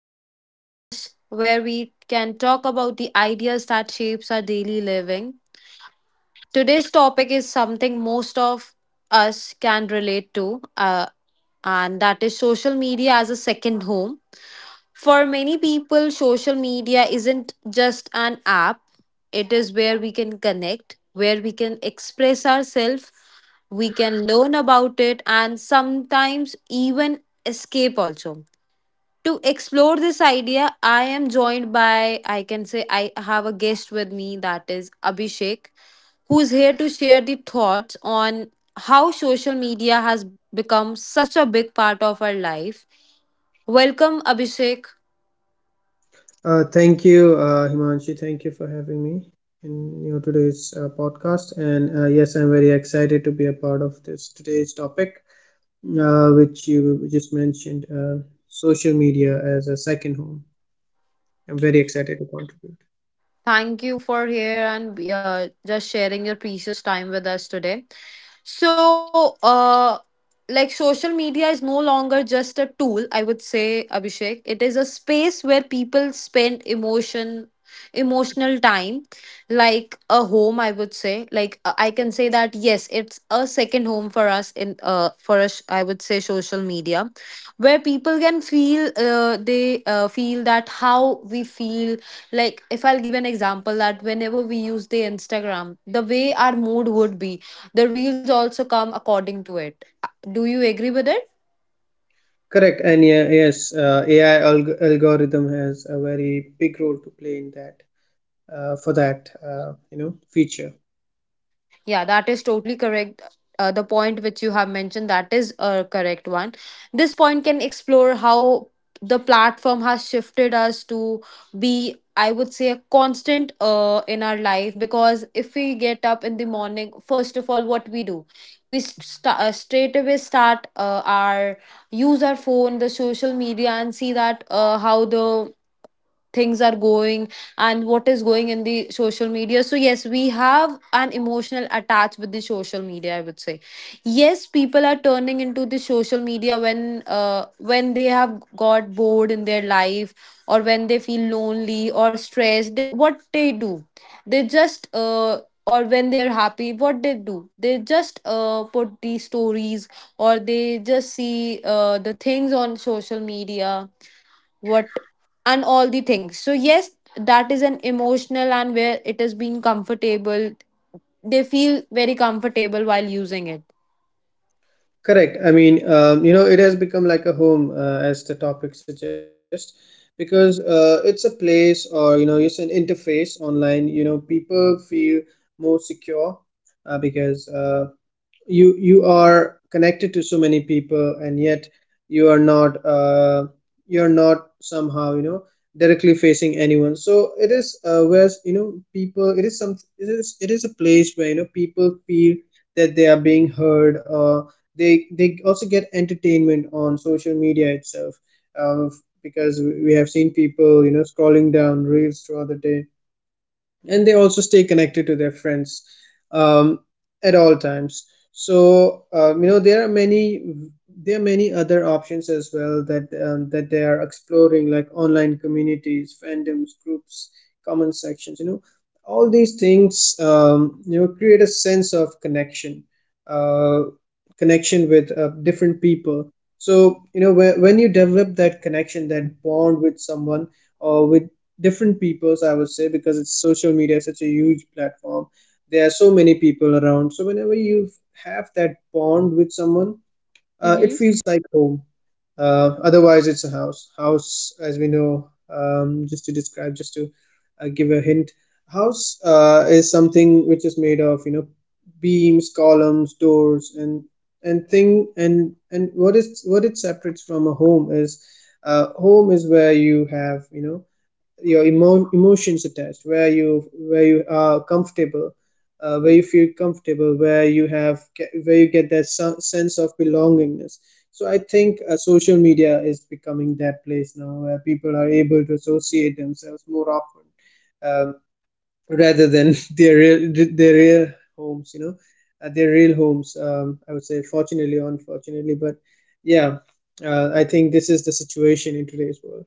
to the podcast where we can talk about the ideas that shapes our daily living. Today's topic is something most of us can relate to, and that is social media as a second home. For many people, social media isn't just an app, it is where we can connect, where we can express ourselves, we can learn about it, and sometimes even escape also to explore this idea, I am joined by, I can say, I have a guest with me that is Abhishek, who's here to share the thoughts on how social media has become such a big part of our life. Welcome, Abhishek. Thank you, Himanshi. Thank you for having me in your today's podcast. And yes, I'm very excited to be a part of this today's topic, which you just mentioned, social media as a second home. I'm very excited to contribute. Thank you for here and just sharing your precious time with us today. So, like social media is no longer just a tool, I would say, Abhishek. It is a space where people spend emotion, emotional time, like a home, I would say. Like I can say that yes, it's a second home for us in for us, I would say, social media, where people can feel they feel that how we feel like if I'll give an example that whenever we use the instagram the way our mood would be the reels also come according to it do you agree with it? Correct. And yeah, yes, AI algorithm has a very big role to play in that, for that, feature. Yeah, that is totally correct. The point which you have mentioned, that is a correct one. This point can explore how the platform has shifted us to be, I would say, a constant in our life. Because if we get up in the morning, first of all, what we do, straight away start our use our phone, the social media, and see that how the things are going and what is going in the social media, so yes, we have an emotional attach with the social media, I would say. Yes, people are turning into the social media when they have got bored in their life, or when they feel lonely or stressed they, what they do, they just or when they're happy what they do they just put these stories, or they just see the things on social media, what, and all the things, so yes, that is an emotional, and where it has been comfortable they feel very comfortable while using it. Correct. I mean, it has become like a home, as the topic suggests, because it's a place, or, it's an interface online. People feel more secure, because you are connected to so many people, and yet you are not, you're not, somehow, directly facing anyone. So it is, where you know people it is a place where, people feel that they are being heard, they also get entertainment on social media itself, uh, because we have seen people, scrolling down reels throughout the day, and they also stay connected to their friends, um, at all times. So, there are many, other options as well that they are exploring, like online communities, fandoms, groups, comment sections, all these things, create a sense of connection, uh, connection with different people. So, when you develop that connection, that bond, with someone, or with different peoples, I would say, because it's social media is such a huge platform, there are so many people around. So whenever you have that bond with someone, it feels like home. Otherwise, it's a house, as we know. Just to give a hint, house, is something which is made of, beams, columns, doors, and thing and what it separates from a home is, home is where you have, your emotions attached, where you are comfortable, where you feel comfortable, where where you get that sense of belongingness. So I think, social media is becoming that place now, where people are able to associate themselves more often, uh, rather than their real homes, their real homes. I would say, fortunately or unfortunately, but yeah, I think this is the situation in today's world.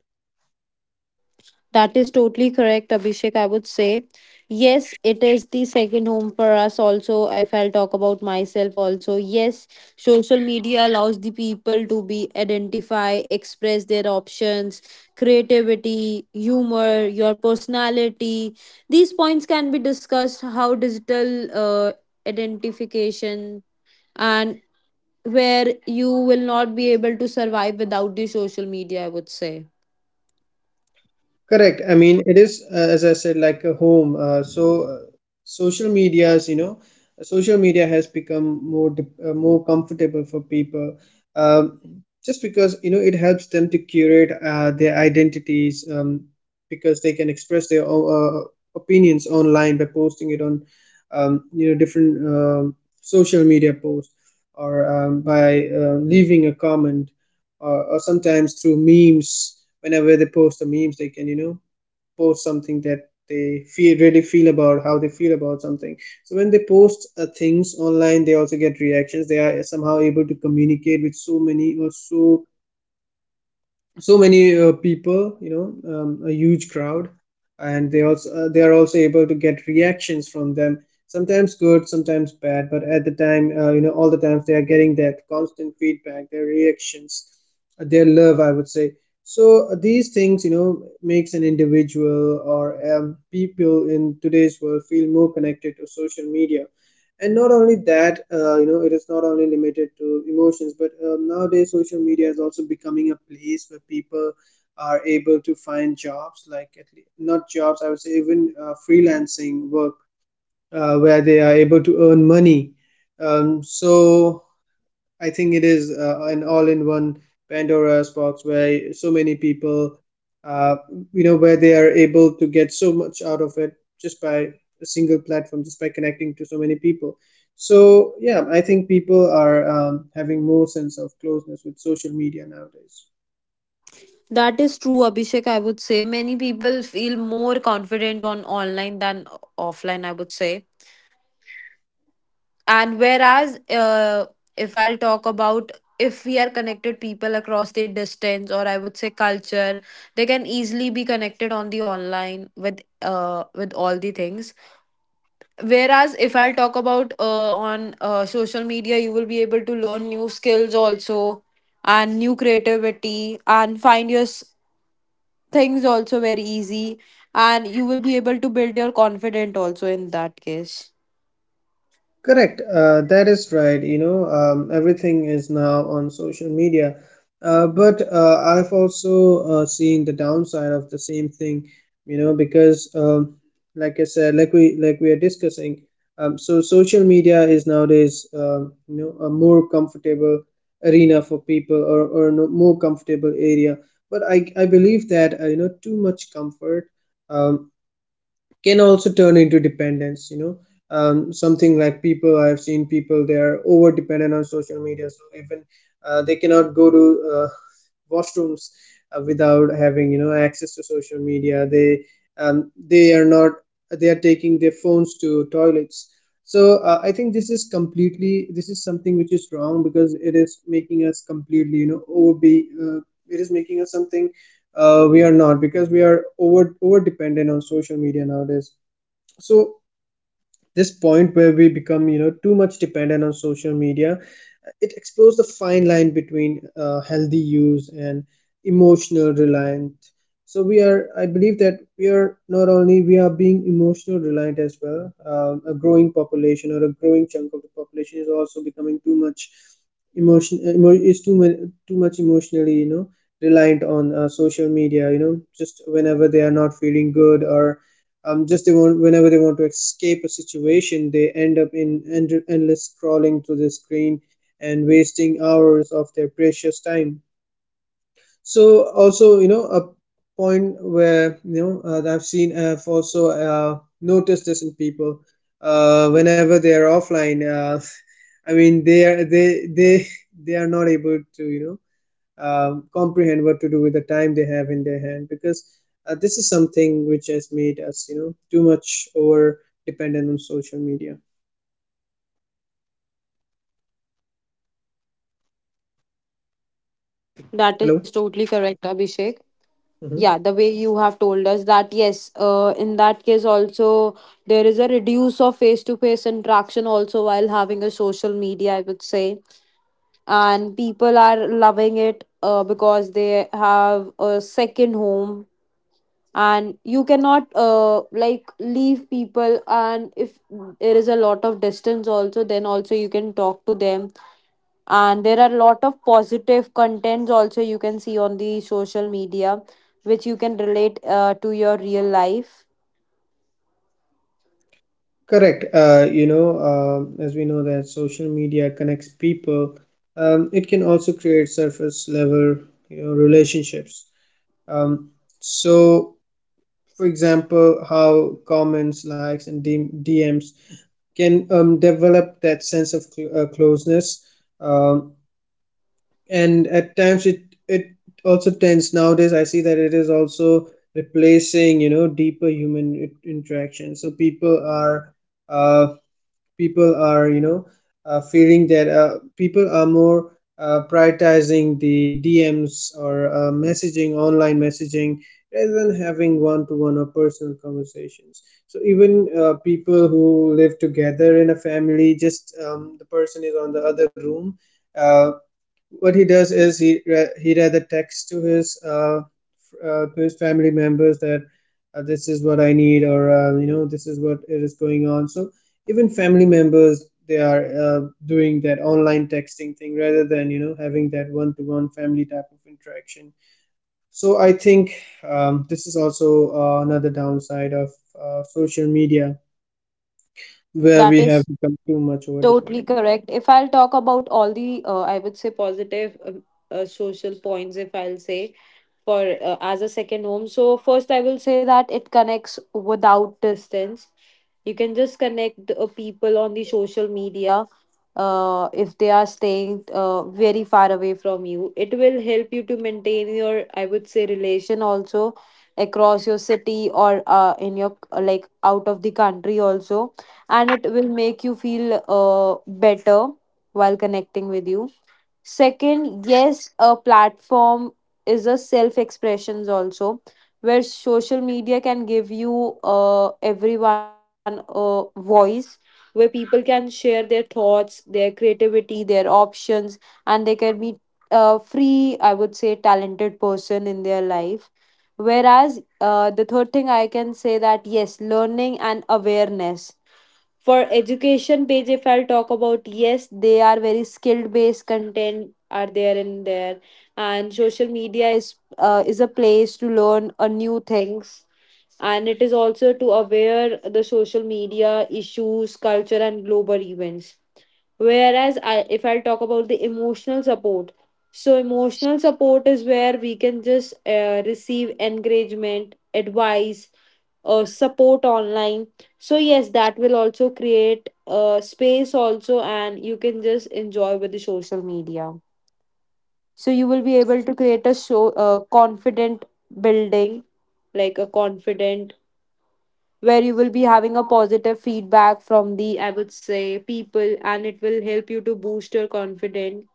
That is totally correct, Abhishek. I would say, yes, it is the second home for us. Also, if I'll talk about myself, also, yes, social media allows the people to be identify, express their options, creativity, humor, your personality. These points can be discussed how digital identification and where you will not be able to survive without the social media, I would say. Correct. I mean, it is, as I said, like a home. So, social medias, you know, social media has become more comfortable for people, um, just because, it helps them to curate, their identities, because they can express their opinions online by posting it on, different social media posts, or, by leaving a comment, or, sometimes through memes. Whenever they post the memes, they can, post something that they feel really feel about, how they feel about something. So when they post, things online, they also get reactions. They are somehow able to communicate with so many, or so many people, a huge crowd. And, they are also able to get reactions from them, sometimes good, sometimes bad. But at the time, all the times, they are getting that constant feedback, their reactions, their love, I would say. So, these things, makes an individual, or, people in today's world, feel more connected to social media. And not only that, it is not only limited to emotions, but, nowadays social media is also becoming a place where people are able to find jobs, like, at least not jobs, I would say, even freelancing work, where they are able to earn money. So I think it is, an all-in-one Pandora's box, where so many people, uh, where they are able to get so much out of it, just by a single platform, just by connecting to so many people. So yeah, I think people are, having more sense of closeness with social media nowadays. That is true, Abhishek. I would say many people feel more confident on online than offline, I would say. And whereas, if I'll talk about if we are connected people across the distance or I would say culture, they can easily be connected on the online with all the things. Whereas if I'll talk about on social media, you will be able to learn new skills also and new creativity and find your things also very easy, and you will be able to build your confidence also in that case. Correct. That is right. You know, everything is now on social media. But, I've also seen the downside of the same thing. You know, because, like I said, like we are discussing, so social media is nowadays, a more comfortable arena for people, or no, more comfortable area. But I believe that, too much comfort Um can also turn into dependence. Something like people, I've seen people they are over dependent on social media. So even, they cannot go to, uh, washrooms, without having, access to social media. They are not They are taking their phones to toilets. So, I think this is something which is wrong, because it is making us completely, over be uh, it is making us something, we are not, because we are over dependent on social media nowadays. So this point, where we become, too much dependent on social media, it explores the fine line between, healthy use and emotional reliant. So we are I believe that we are, not only we are being emotional reliant as well. A growing population, or a growing chunk of the population, is also becoming too much, is too much emotionally, reliant on, social media, just whenever they are not feeling good, or, just they want whenever they want to escape a situation, they end up in endless scrolling through the screen, and wasting hours of their precious time. So, also, a point where, that I've also noticed this in people, whenever they are offline, I mean, they they are not able to, comprehend what to do with the time they have in their hand. Because, this is something which has made us, too much over dependent on social media. That is Hello. totally correct, Abhishek. Yeah, Hmm. the way you have told us that yes, in that case also there is a reduce of face to face interaction also while having a social media, I would say. And people are loving it, because they have a second home, and you cannot like leave people, and if there is a lot of distance also then also you can talk to them. And there are a lot of positive contents also you can see on the social media which you can relate to your real life. Correct. You know, as we know that social media connects people, it can also create surface level, relationships. um, so, for example, how comments, likes and DMs can, develop that sense of closeness, um, and at times, it also tends, nowadays I see that it is also replacing, deeper human interaction. So uh, people are, feeling that, people are more, prioritizing the DMs, or messaging online messaging, rather than having one-to-one or personal conversations. So even, people who live together in a family, just, the person is on the other room. Uh, what he does is, he rather texts to his, to his family members, that, this is what I need, or, this is what it is going on. So even family members, they are, doing that online texting thing, rather than, having that one-to-one family type of interaction. So I think, this is also, another downside of, social media, where That we have is become too much over totally dependent. correct. If I'll talk about all the I would say positive, social points, if I'll say for as a second home, so first I will say that it connects without distance. You can just connect the, people on the social media, if they are staying very far away from you, it will help you to maintain your I would say relation also across your city or in your like out of the country also, and it will make you feel better while connecting with you. Second, yes, a platform is a self expressions also, where social media can give you everyone a voice, where people can share their thoughts, their creativity, their options, and they can be a free, I would say, talented person in their life. Whereas the third thing I can say that yes, learning and awareness for education page, if I'll talk about, yes, they are very skilled based content are there in there, and social media is a place to learn a new things, and it is also to aware the social media issues culture and global events. Whereas I, if I talk about the emotional support, so emotional support is where we can just receive encouragement, advice, support online. So yes, that will also create space also, and you can just enjoy with the social media. So you will be able to create a show, confident building, like a confident where you will be having a positive feedback from the, I would say, people, and it will help you to boost your confidence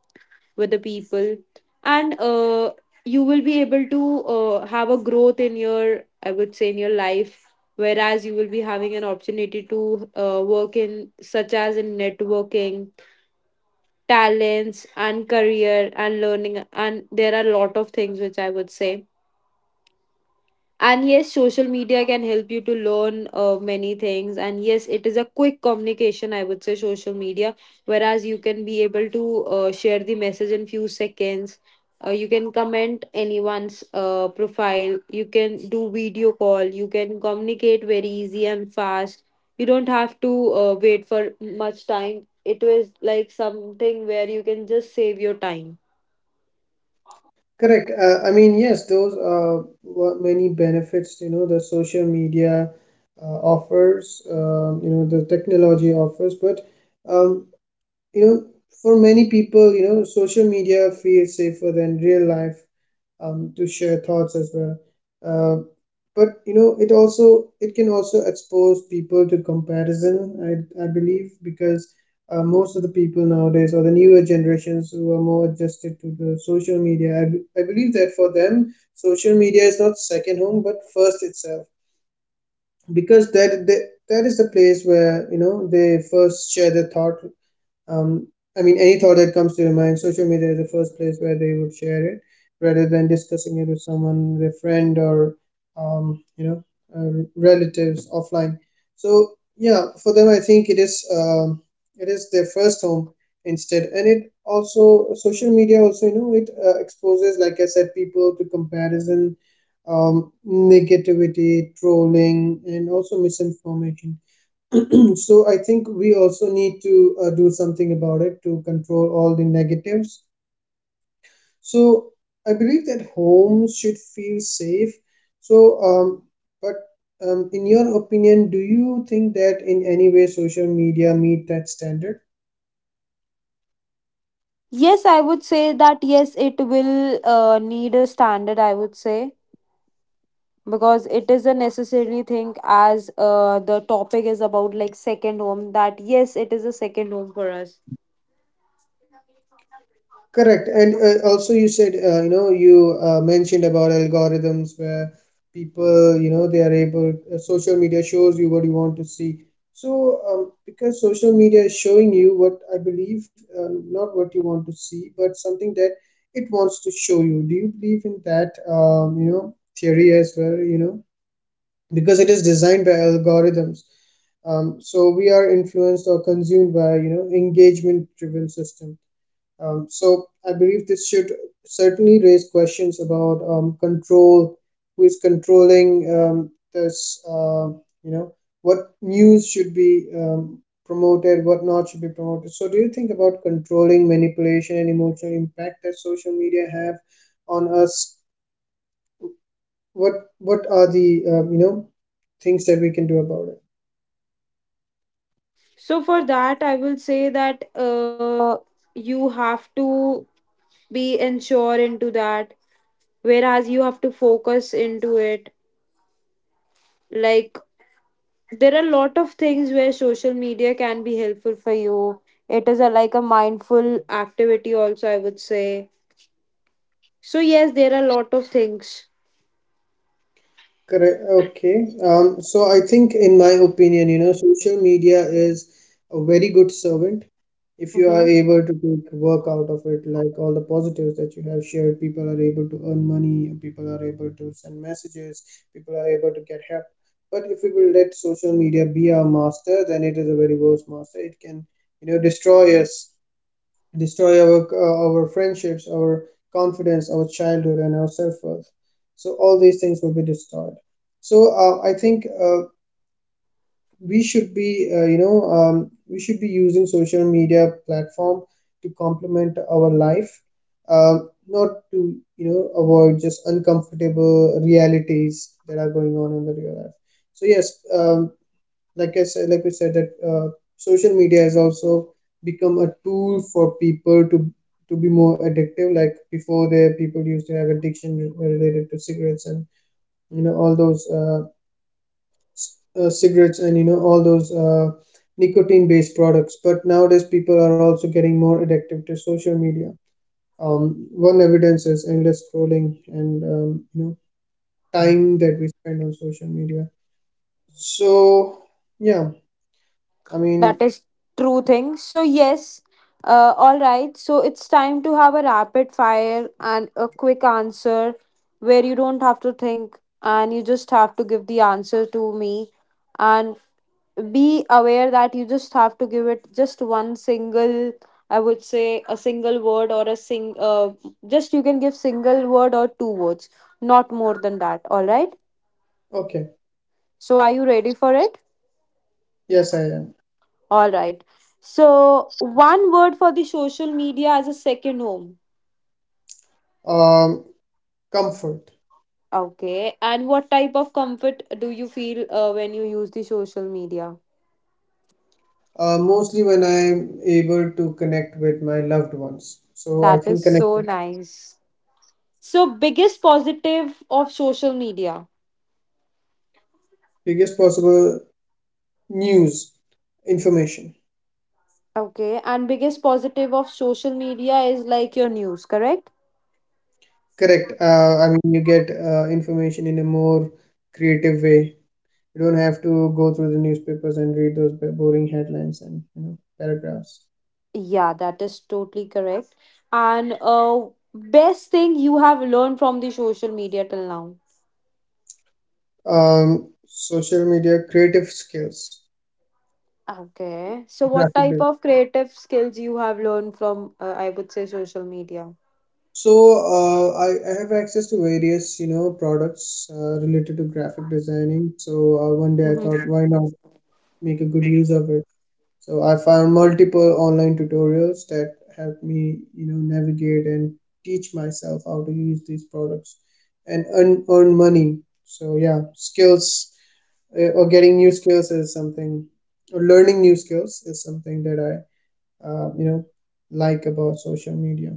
with the people. And you will be able to have a growth in your, I would say, in your life. Whereas you will be having an opportunity to work in, such as in networking, talents, and career, and learning. And there are a lot of things which I would say. And yes, social media can help you to learn many things. And yes, it is a quick communication, I would say, social media, whereas you can be able to share the message in few seconds. You can comment anyone's profile. You can do video call. You can communicate very easy and fast. You don't have to wait for much time. It was like something where you can just save your time. Correct. I mean, yes, those are what many benefits, the social media offers, the technology offers. But, um, you know for many people, social media feels safer than real life, to share thoughts as well. uh, but, you know, it can also expose people to comparison, I believe. Because, most of the people nowadays, or the newer generations, who are more adjusted to the social media, I believe that, for them, social media is not second home but first itself. Because that is the place where, they first share their thought. um, I mean, any thought that comes to their mind, social media is the first place where they would share it, rather than discussing it with someone, their friend, or, um, you know, relatives offline. So yeah, for them, I think it is their first home instead. And, it also social media also, it exposes, like I said, people to comparison, negativity, trolling, and also misinformation. So I think we also need to, do something about it to control all the negatives. So I believe that homes should feel safe. So, um, but in your opinion, do you think that in any way social media meet that standard? Yes, I would say that yes, it will need a standard, I would say, because it is a necessary thing as the topic is about like second home, that yes, it is a second home for us. Correct. And also, you said, you know, you mentioned about algorithms where people, you know, they are able, social media shows you what you want to see. So, because social media is showing you what I believe, not what you want to see, but something that it wants to show you. Do you believe in that, theory as well? Because it is designed by algorithms. So we are influenced or consumed by, engagement-driven system. So I believe this should certainly raise questions about control, who is controlling this, you know, what news should be promoted, what not should be promoted. So do you think about controlling manipulation and emotional impact that social media have on us? What are the things that we can do about it? So for that I will say that you have to be ensure into that, whereas you have to focus into it. Like, there are a lot of things where social media can be helpful for you. It is a like a mindful activity also, I would say. So yes, there are a lot of things. Correct. Okay. So I think, in my opinion, social media is a very good servant if you are able to take work out of it, like all the positives that you have shared. People are able to earn money, people are able to send messages, people are able to get help. But if we will let social media be our master, then it is a very worse master. It can, destroy us, destroy our our friendships, our confidence, our childhood, and our self worth. So all these things will be destroyed. So I think, we should be using social media platform to complement our life, uh, not to avoid just uncomfortable realities that are going on in the real life. So yes, like I said, like we said that social media has also become a tool for people to be more addictive. Like before, there people used to have addiction related to cigarettes and all those cigarettes and all those nicotine-based products. But nowadays, people are also getting more addictive to social media. One evidence is endless scrolling and time that we spend on social media. So yeah, I mean, That is true thing. So yes, all right. So it's time to have a rapid fire and a quick answer, where you don't have to think and you just have to give the answer to me, and be aware that you just have to give it just one single, I would say a single word or a sing just you can give single word or two words, not more than that. All right. okay. So are you ready for it? Yes, I am. All right. So, one word for the social media as a second home. Um, Comfort. Okay. And what type of comfort do you feel when you use the social media? Mostly when I'm able to connect with my loved ones. So I That is think connect, so nice. So, biggest positive of social media. biggest possible news, information. Okay. And biggest positive of social media is like your news, correct? Correct. I mean, you get information in a more creative way. You don't have to go through the newspapers and read those boring headlines and paragraphs. Yeah, that is totally correct. And best thing you have learned from the social media till now. Social media, creative skills, Okay. So what type graphic. of creative skills you have learned from I would say social media? So I have access to various, products related to graphic designing. So one day I Mhm. thought, Yeah. why not make a good use of it? So I found multiple online tutorials that helped me, navigate and teach myself how to use these products and earn money. So yeah, skills, or getting new skills is something, or learning new skills is something that I, like about social media.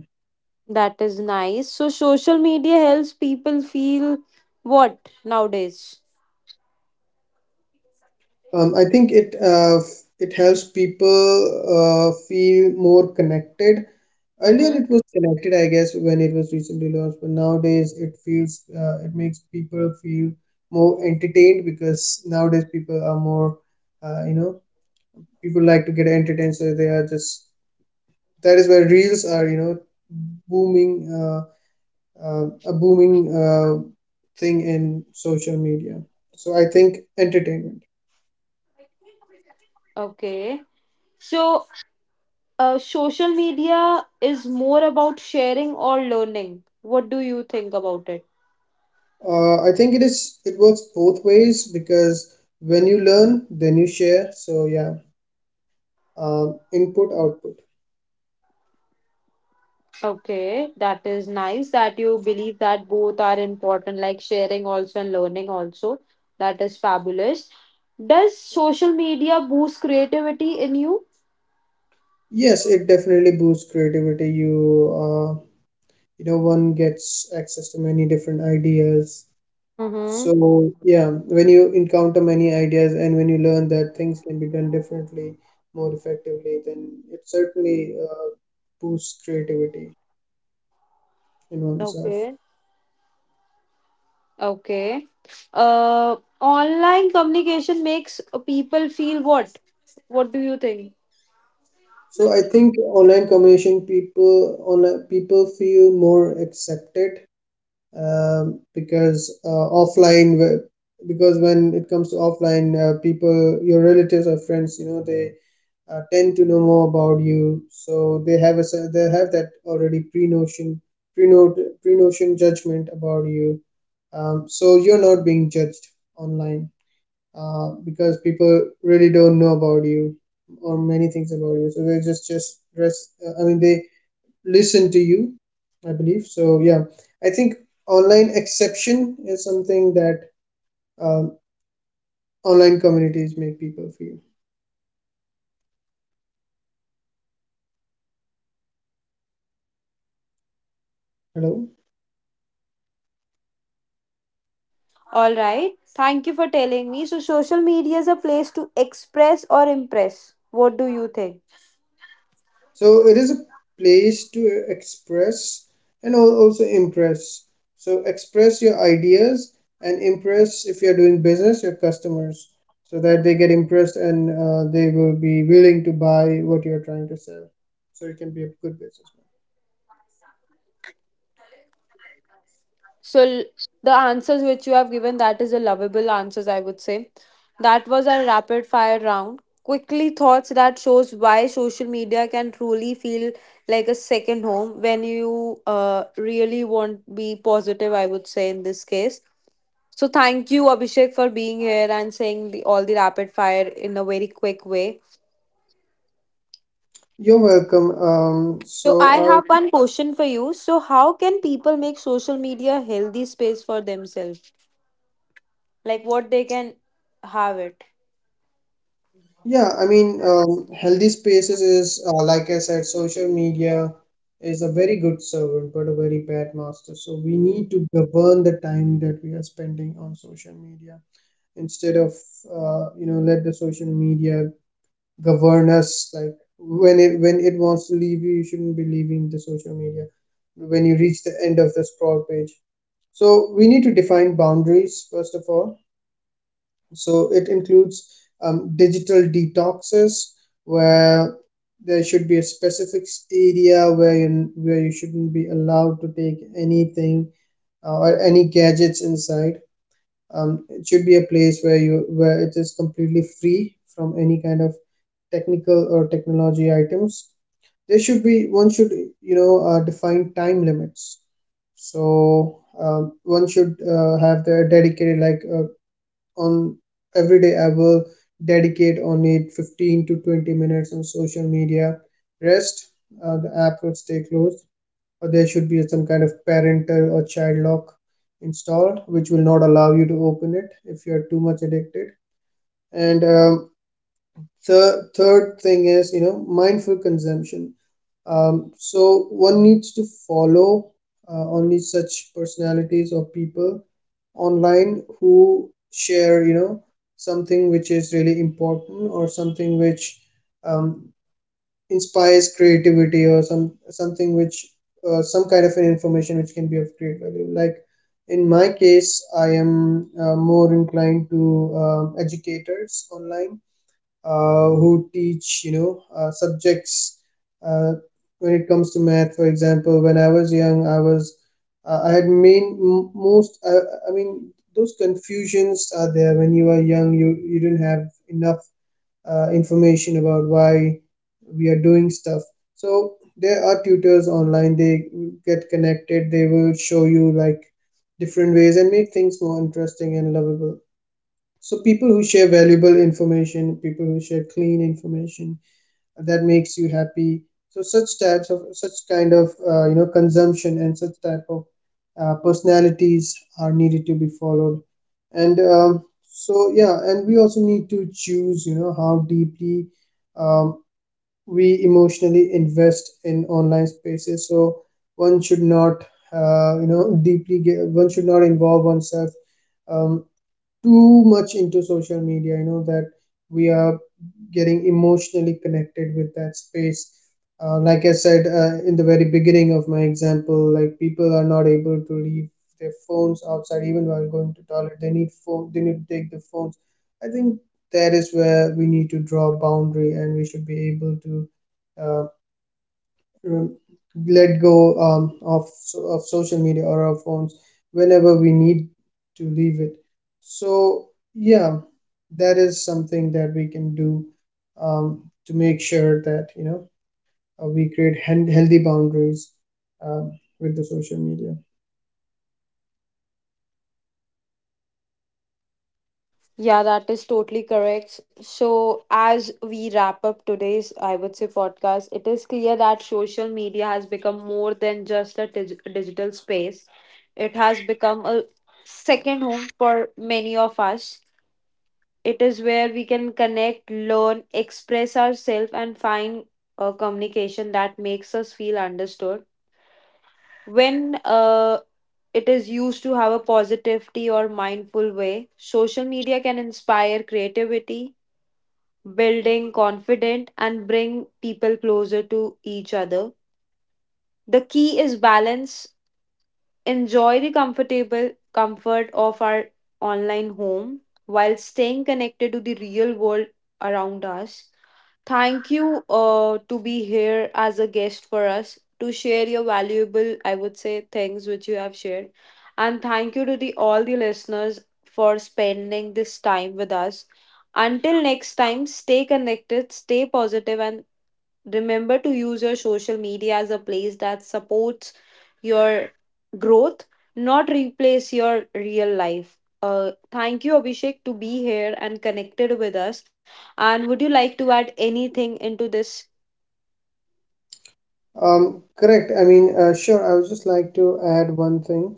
That is nice. So social media helps people feel what nowadays? I think it helps people feel more connected. Earlier, Mm-hmm. it was connected, I guess, when it was recently launched, but nowadays it makes people feel more entertained because nowadays people are more, you know, people like to get entertained, so they are just, that is where reels are, booming uh, a booming thing in social media. So I think entertainment. Okay. So social media is more about sharing or learning. What do you think about it? I think it works both ways because when you learn, then you share. So yeah, input output. Okay, that is nice that you believe that both are important, like sharing also and learning also. That is fabulous. Does social media boost creativity in you? Yes, it definitely boosts creativity. Uh, One gets access to many different ideas. Mm-hmm. So yeah, when you encounter many ideas and when you learn that things can be done differently, more effectively, then it certainly boosts creativity in oneself. Okay. Okay. Online communication makes people feel what? What do you think? So I think online people feel more accepted, um, because uh, offline w- because when it comes to offline, people, your relatives or friends, they tend to know more about you, so they have they have that already pre notion judgment about you. Um, So you're not being judged online, because people really don't know about you or many things about you, so they just rest, I mean, they listen to you, I believe. So yeah, I think online exception is something that, um, online communities make people feel. Hello. All right. Thank you for telling me. So, social media is a place to express or impress. What do you think? So it is a place to express and also impress. So express your ideas, and impress, if you're doing business, your customers, so that they get impressed and they will be willing to buy what you're trying to sell. So you can be a good businessman. So l- the answers which you have given, that is a lovable answers, I would say. That was our rapid fire round. Quickly thoughts that shows why social media can truly feel like a second home when you really want be positive, I would say in this case. So thank you, Abhishek, for being here and saying all the rapid fire in a very quick way. You're welcome. So So I have I one question for you. So how can people make social media a healthy space for themselves? Like what they can have it. Yeah, I mean, healthy spaces is, like I said, social media is a very good servant, but a very bad master. So we need to govern the time that we are spending on social media, instead of, let the social media govern us. Like when it wants to leave you, you shouldn't be leaving the social media. When you reach the end of the scroll page, so we need to define boundaries first of all, so it includes digital detoxes, where there should be a specific area where you shouldn't be allowed to take anything, or any gadgets inside. It should be a place where it is completely free from any kind of technical or technology items. There should be One should, define time limits. So one should have their dedicated, like, on every day I will dedicate on it 15 to 20 minutes on social media. Rest, the app will stay closed, or there should be some kind of parental or child lock installed, which will not allow you to open it if you are too much addicted. And the third thing is, mindful consumption. So one needs to follow only such personalities or people online who share, something which is really important, or something which um, inspires creativity, or something which, some kind of an information which can be of great value. Like, in my case, I am more inclined to educators online, who teach, subjects, uh, when it comes to math, for example. When I was young, I had main m- most I mean, those confusions are there when you are young, you don't have enough information about why we are doing stuff. So there are tutors online. They get connected. They will show you, like, different ways and make things more interesting and lovable. So people who share valuable information, people who share clean information, that makes you happy. So such kind of consumption and such type of personalities are needed to be followed. And so yeah, and we also need to choose, how deeply, um, we emotionally invest in online spaces. So one should not you know deeply get, one should not involve oneself um, too much into social media, that we are getting emotionally connected with that space. Like I said, in the very beginning of my example, like, people are not able to leave their phones outside even while going to toilet. They need phone. They need to take the phones. I think that is where we need to draw a boundary, and we should be able to, uh, um, let go, of social media or our phones whenever we need to leave it. So yeah, that is something that we can do, um, to make sure that, we create healthy boundaries, um, with the social media. Yeah, that is totally correct. So, as we wrap up today's, I would say, podcast, it is clear that social media has become more than just a digital space. It has become a second home for many of us. It is where we can connect, learn, express ourselves, and find a communication that makes us feel understood. When it is used to have a positivity or mindful way, social media can inspire creativity, building confidence, and bring people closer to each other. The key is balance. Enjoy the comfort of our online home while staying connected to the real world around us. Thank you to be here as a guest for us to share your valuable, I would say, things which you have shared. And thank you to the all the listeners for spending this time with us. Until next time, stay connected, stay positive, and remember to use your social media as a place that supports your growth, not replace your real life. Thank you, Abhishek, to be here and connected with us. And would you like to add anything into this? Correct. I mean, sure. I would just like to add one thing.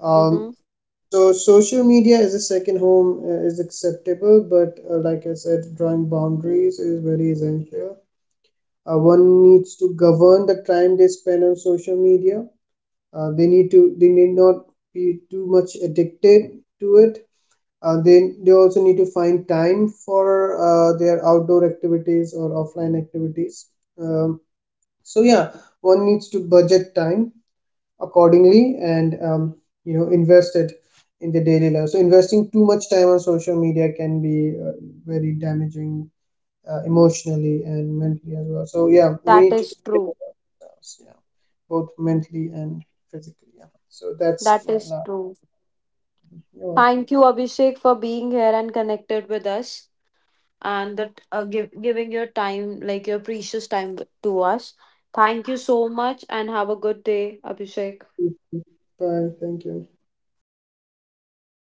Um, Mhm. so social media as a second home is acceptable, but like I said, drawing boundaries is very essential. One needs to govern the time they spend on social media. They need not be too much addicted to it. They also need to find time for their outdoor activities or offline activities. Um, so yeah, one needs to budget time accordingly and invest it in the daily life. So investing too much time on social media can be very damaging, emotionally and mentally as well. So yeah, we That need to is take care true. of ourselves, yeah, both mentally and physically. Yeah. So that's That my is last. true. You're welcome. Thank you, Abhishek, for being here and connected with us, and that giving your time, like your precious time to us. Thank you so much and have a good day, Abhishek. Bye. Thank you.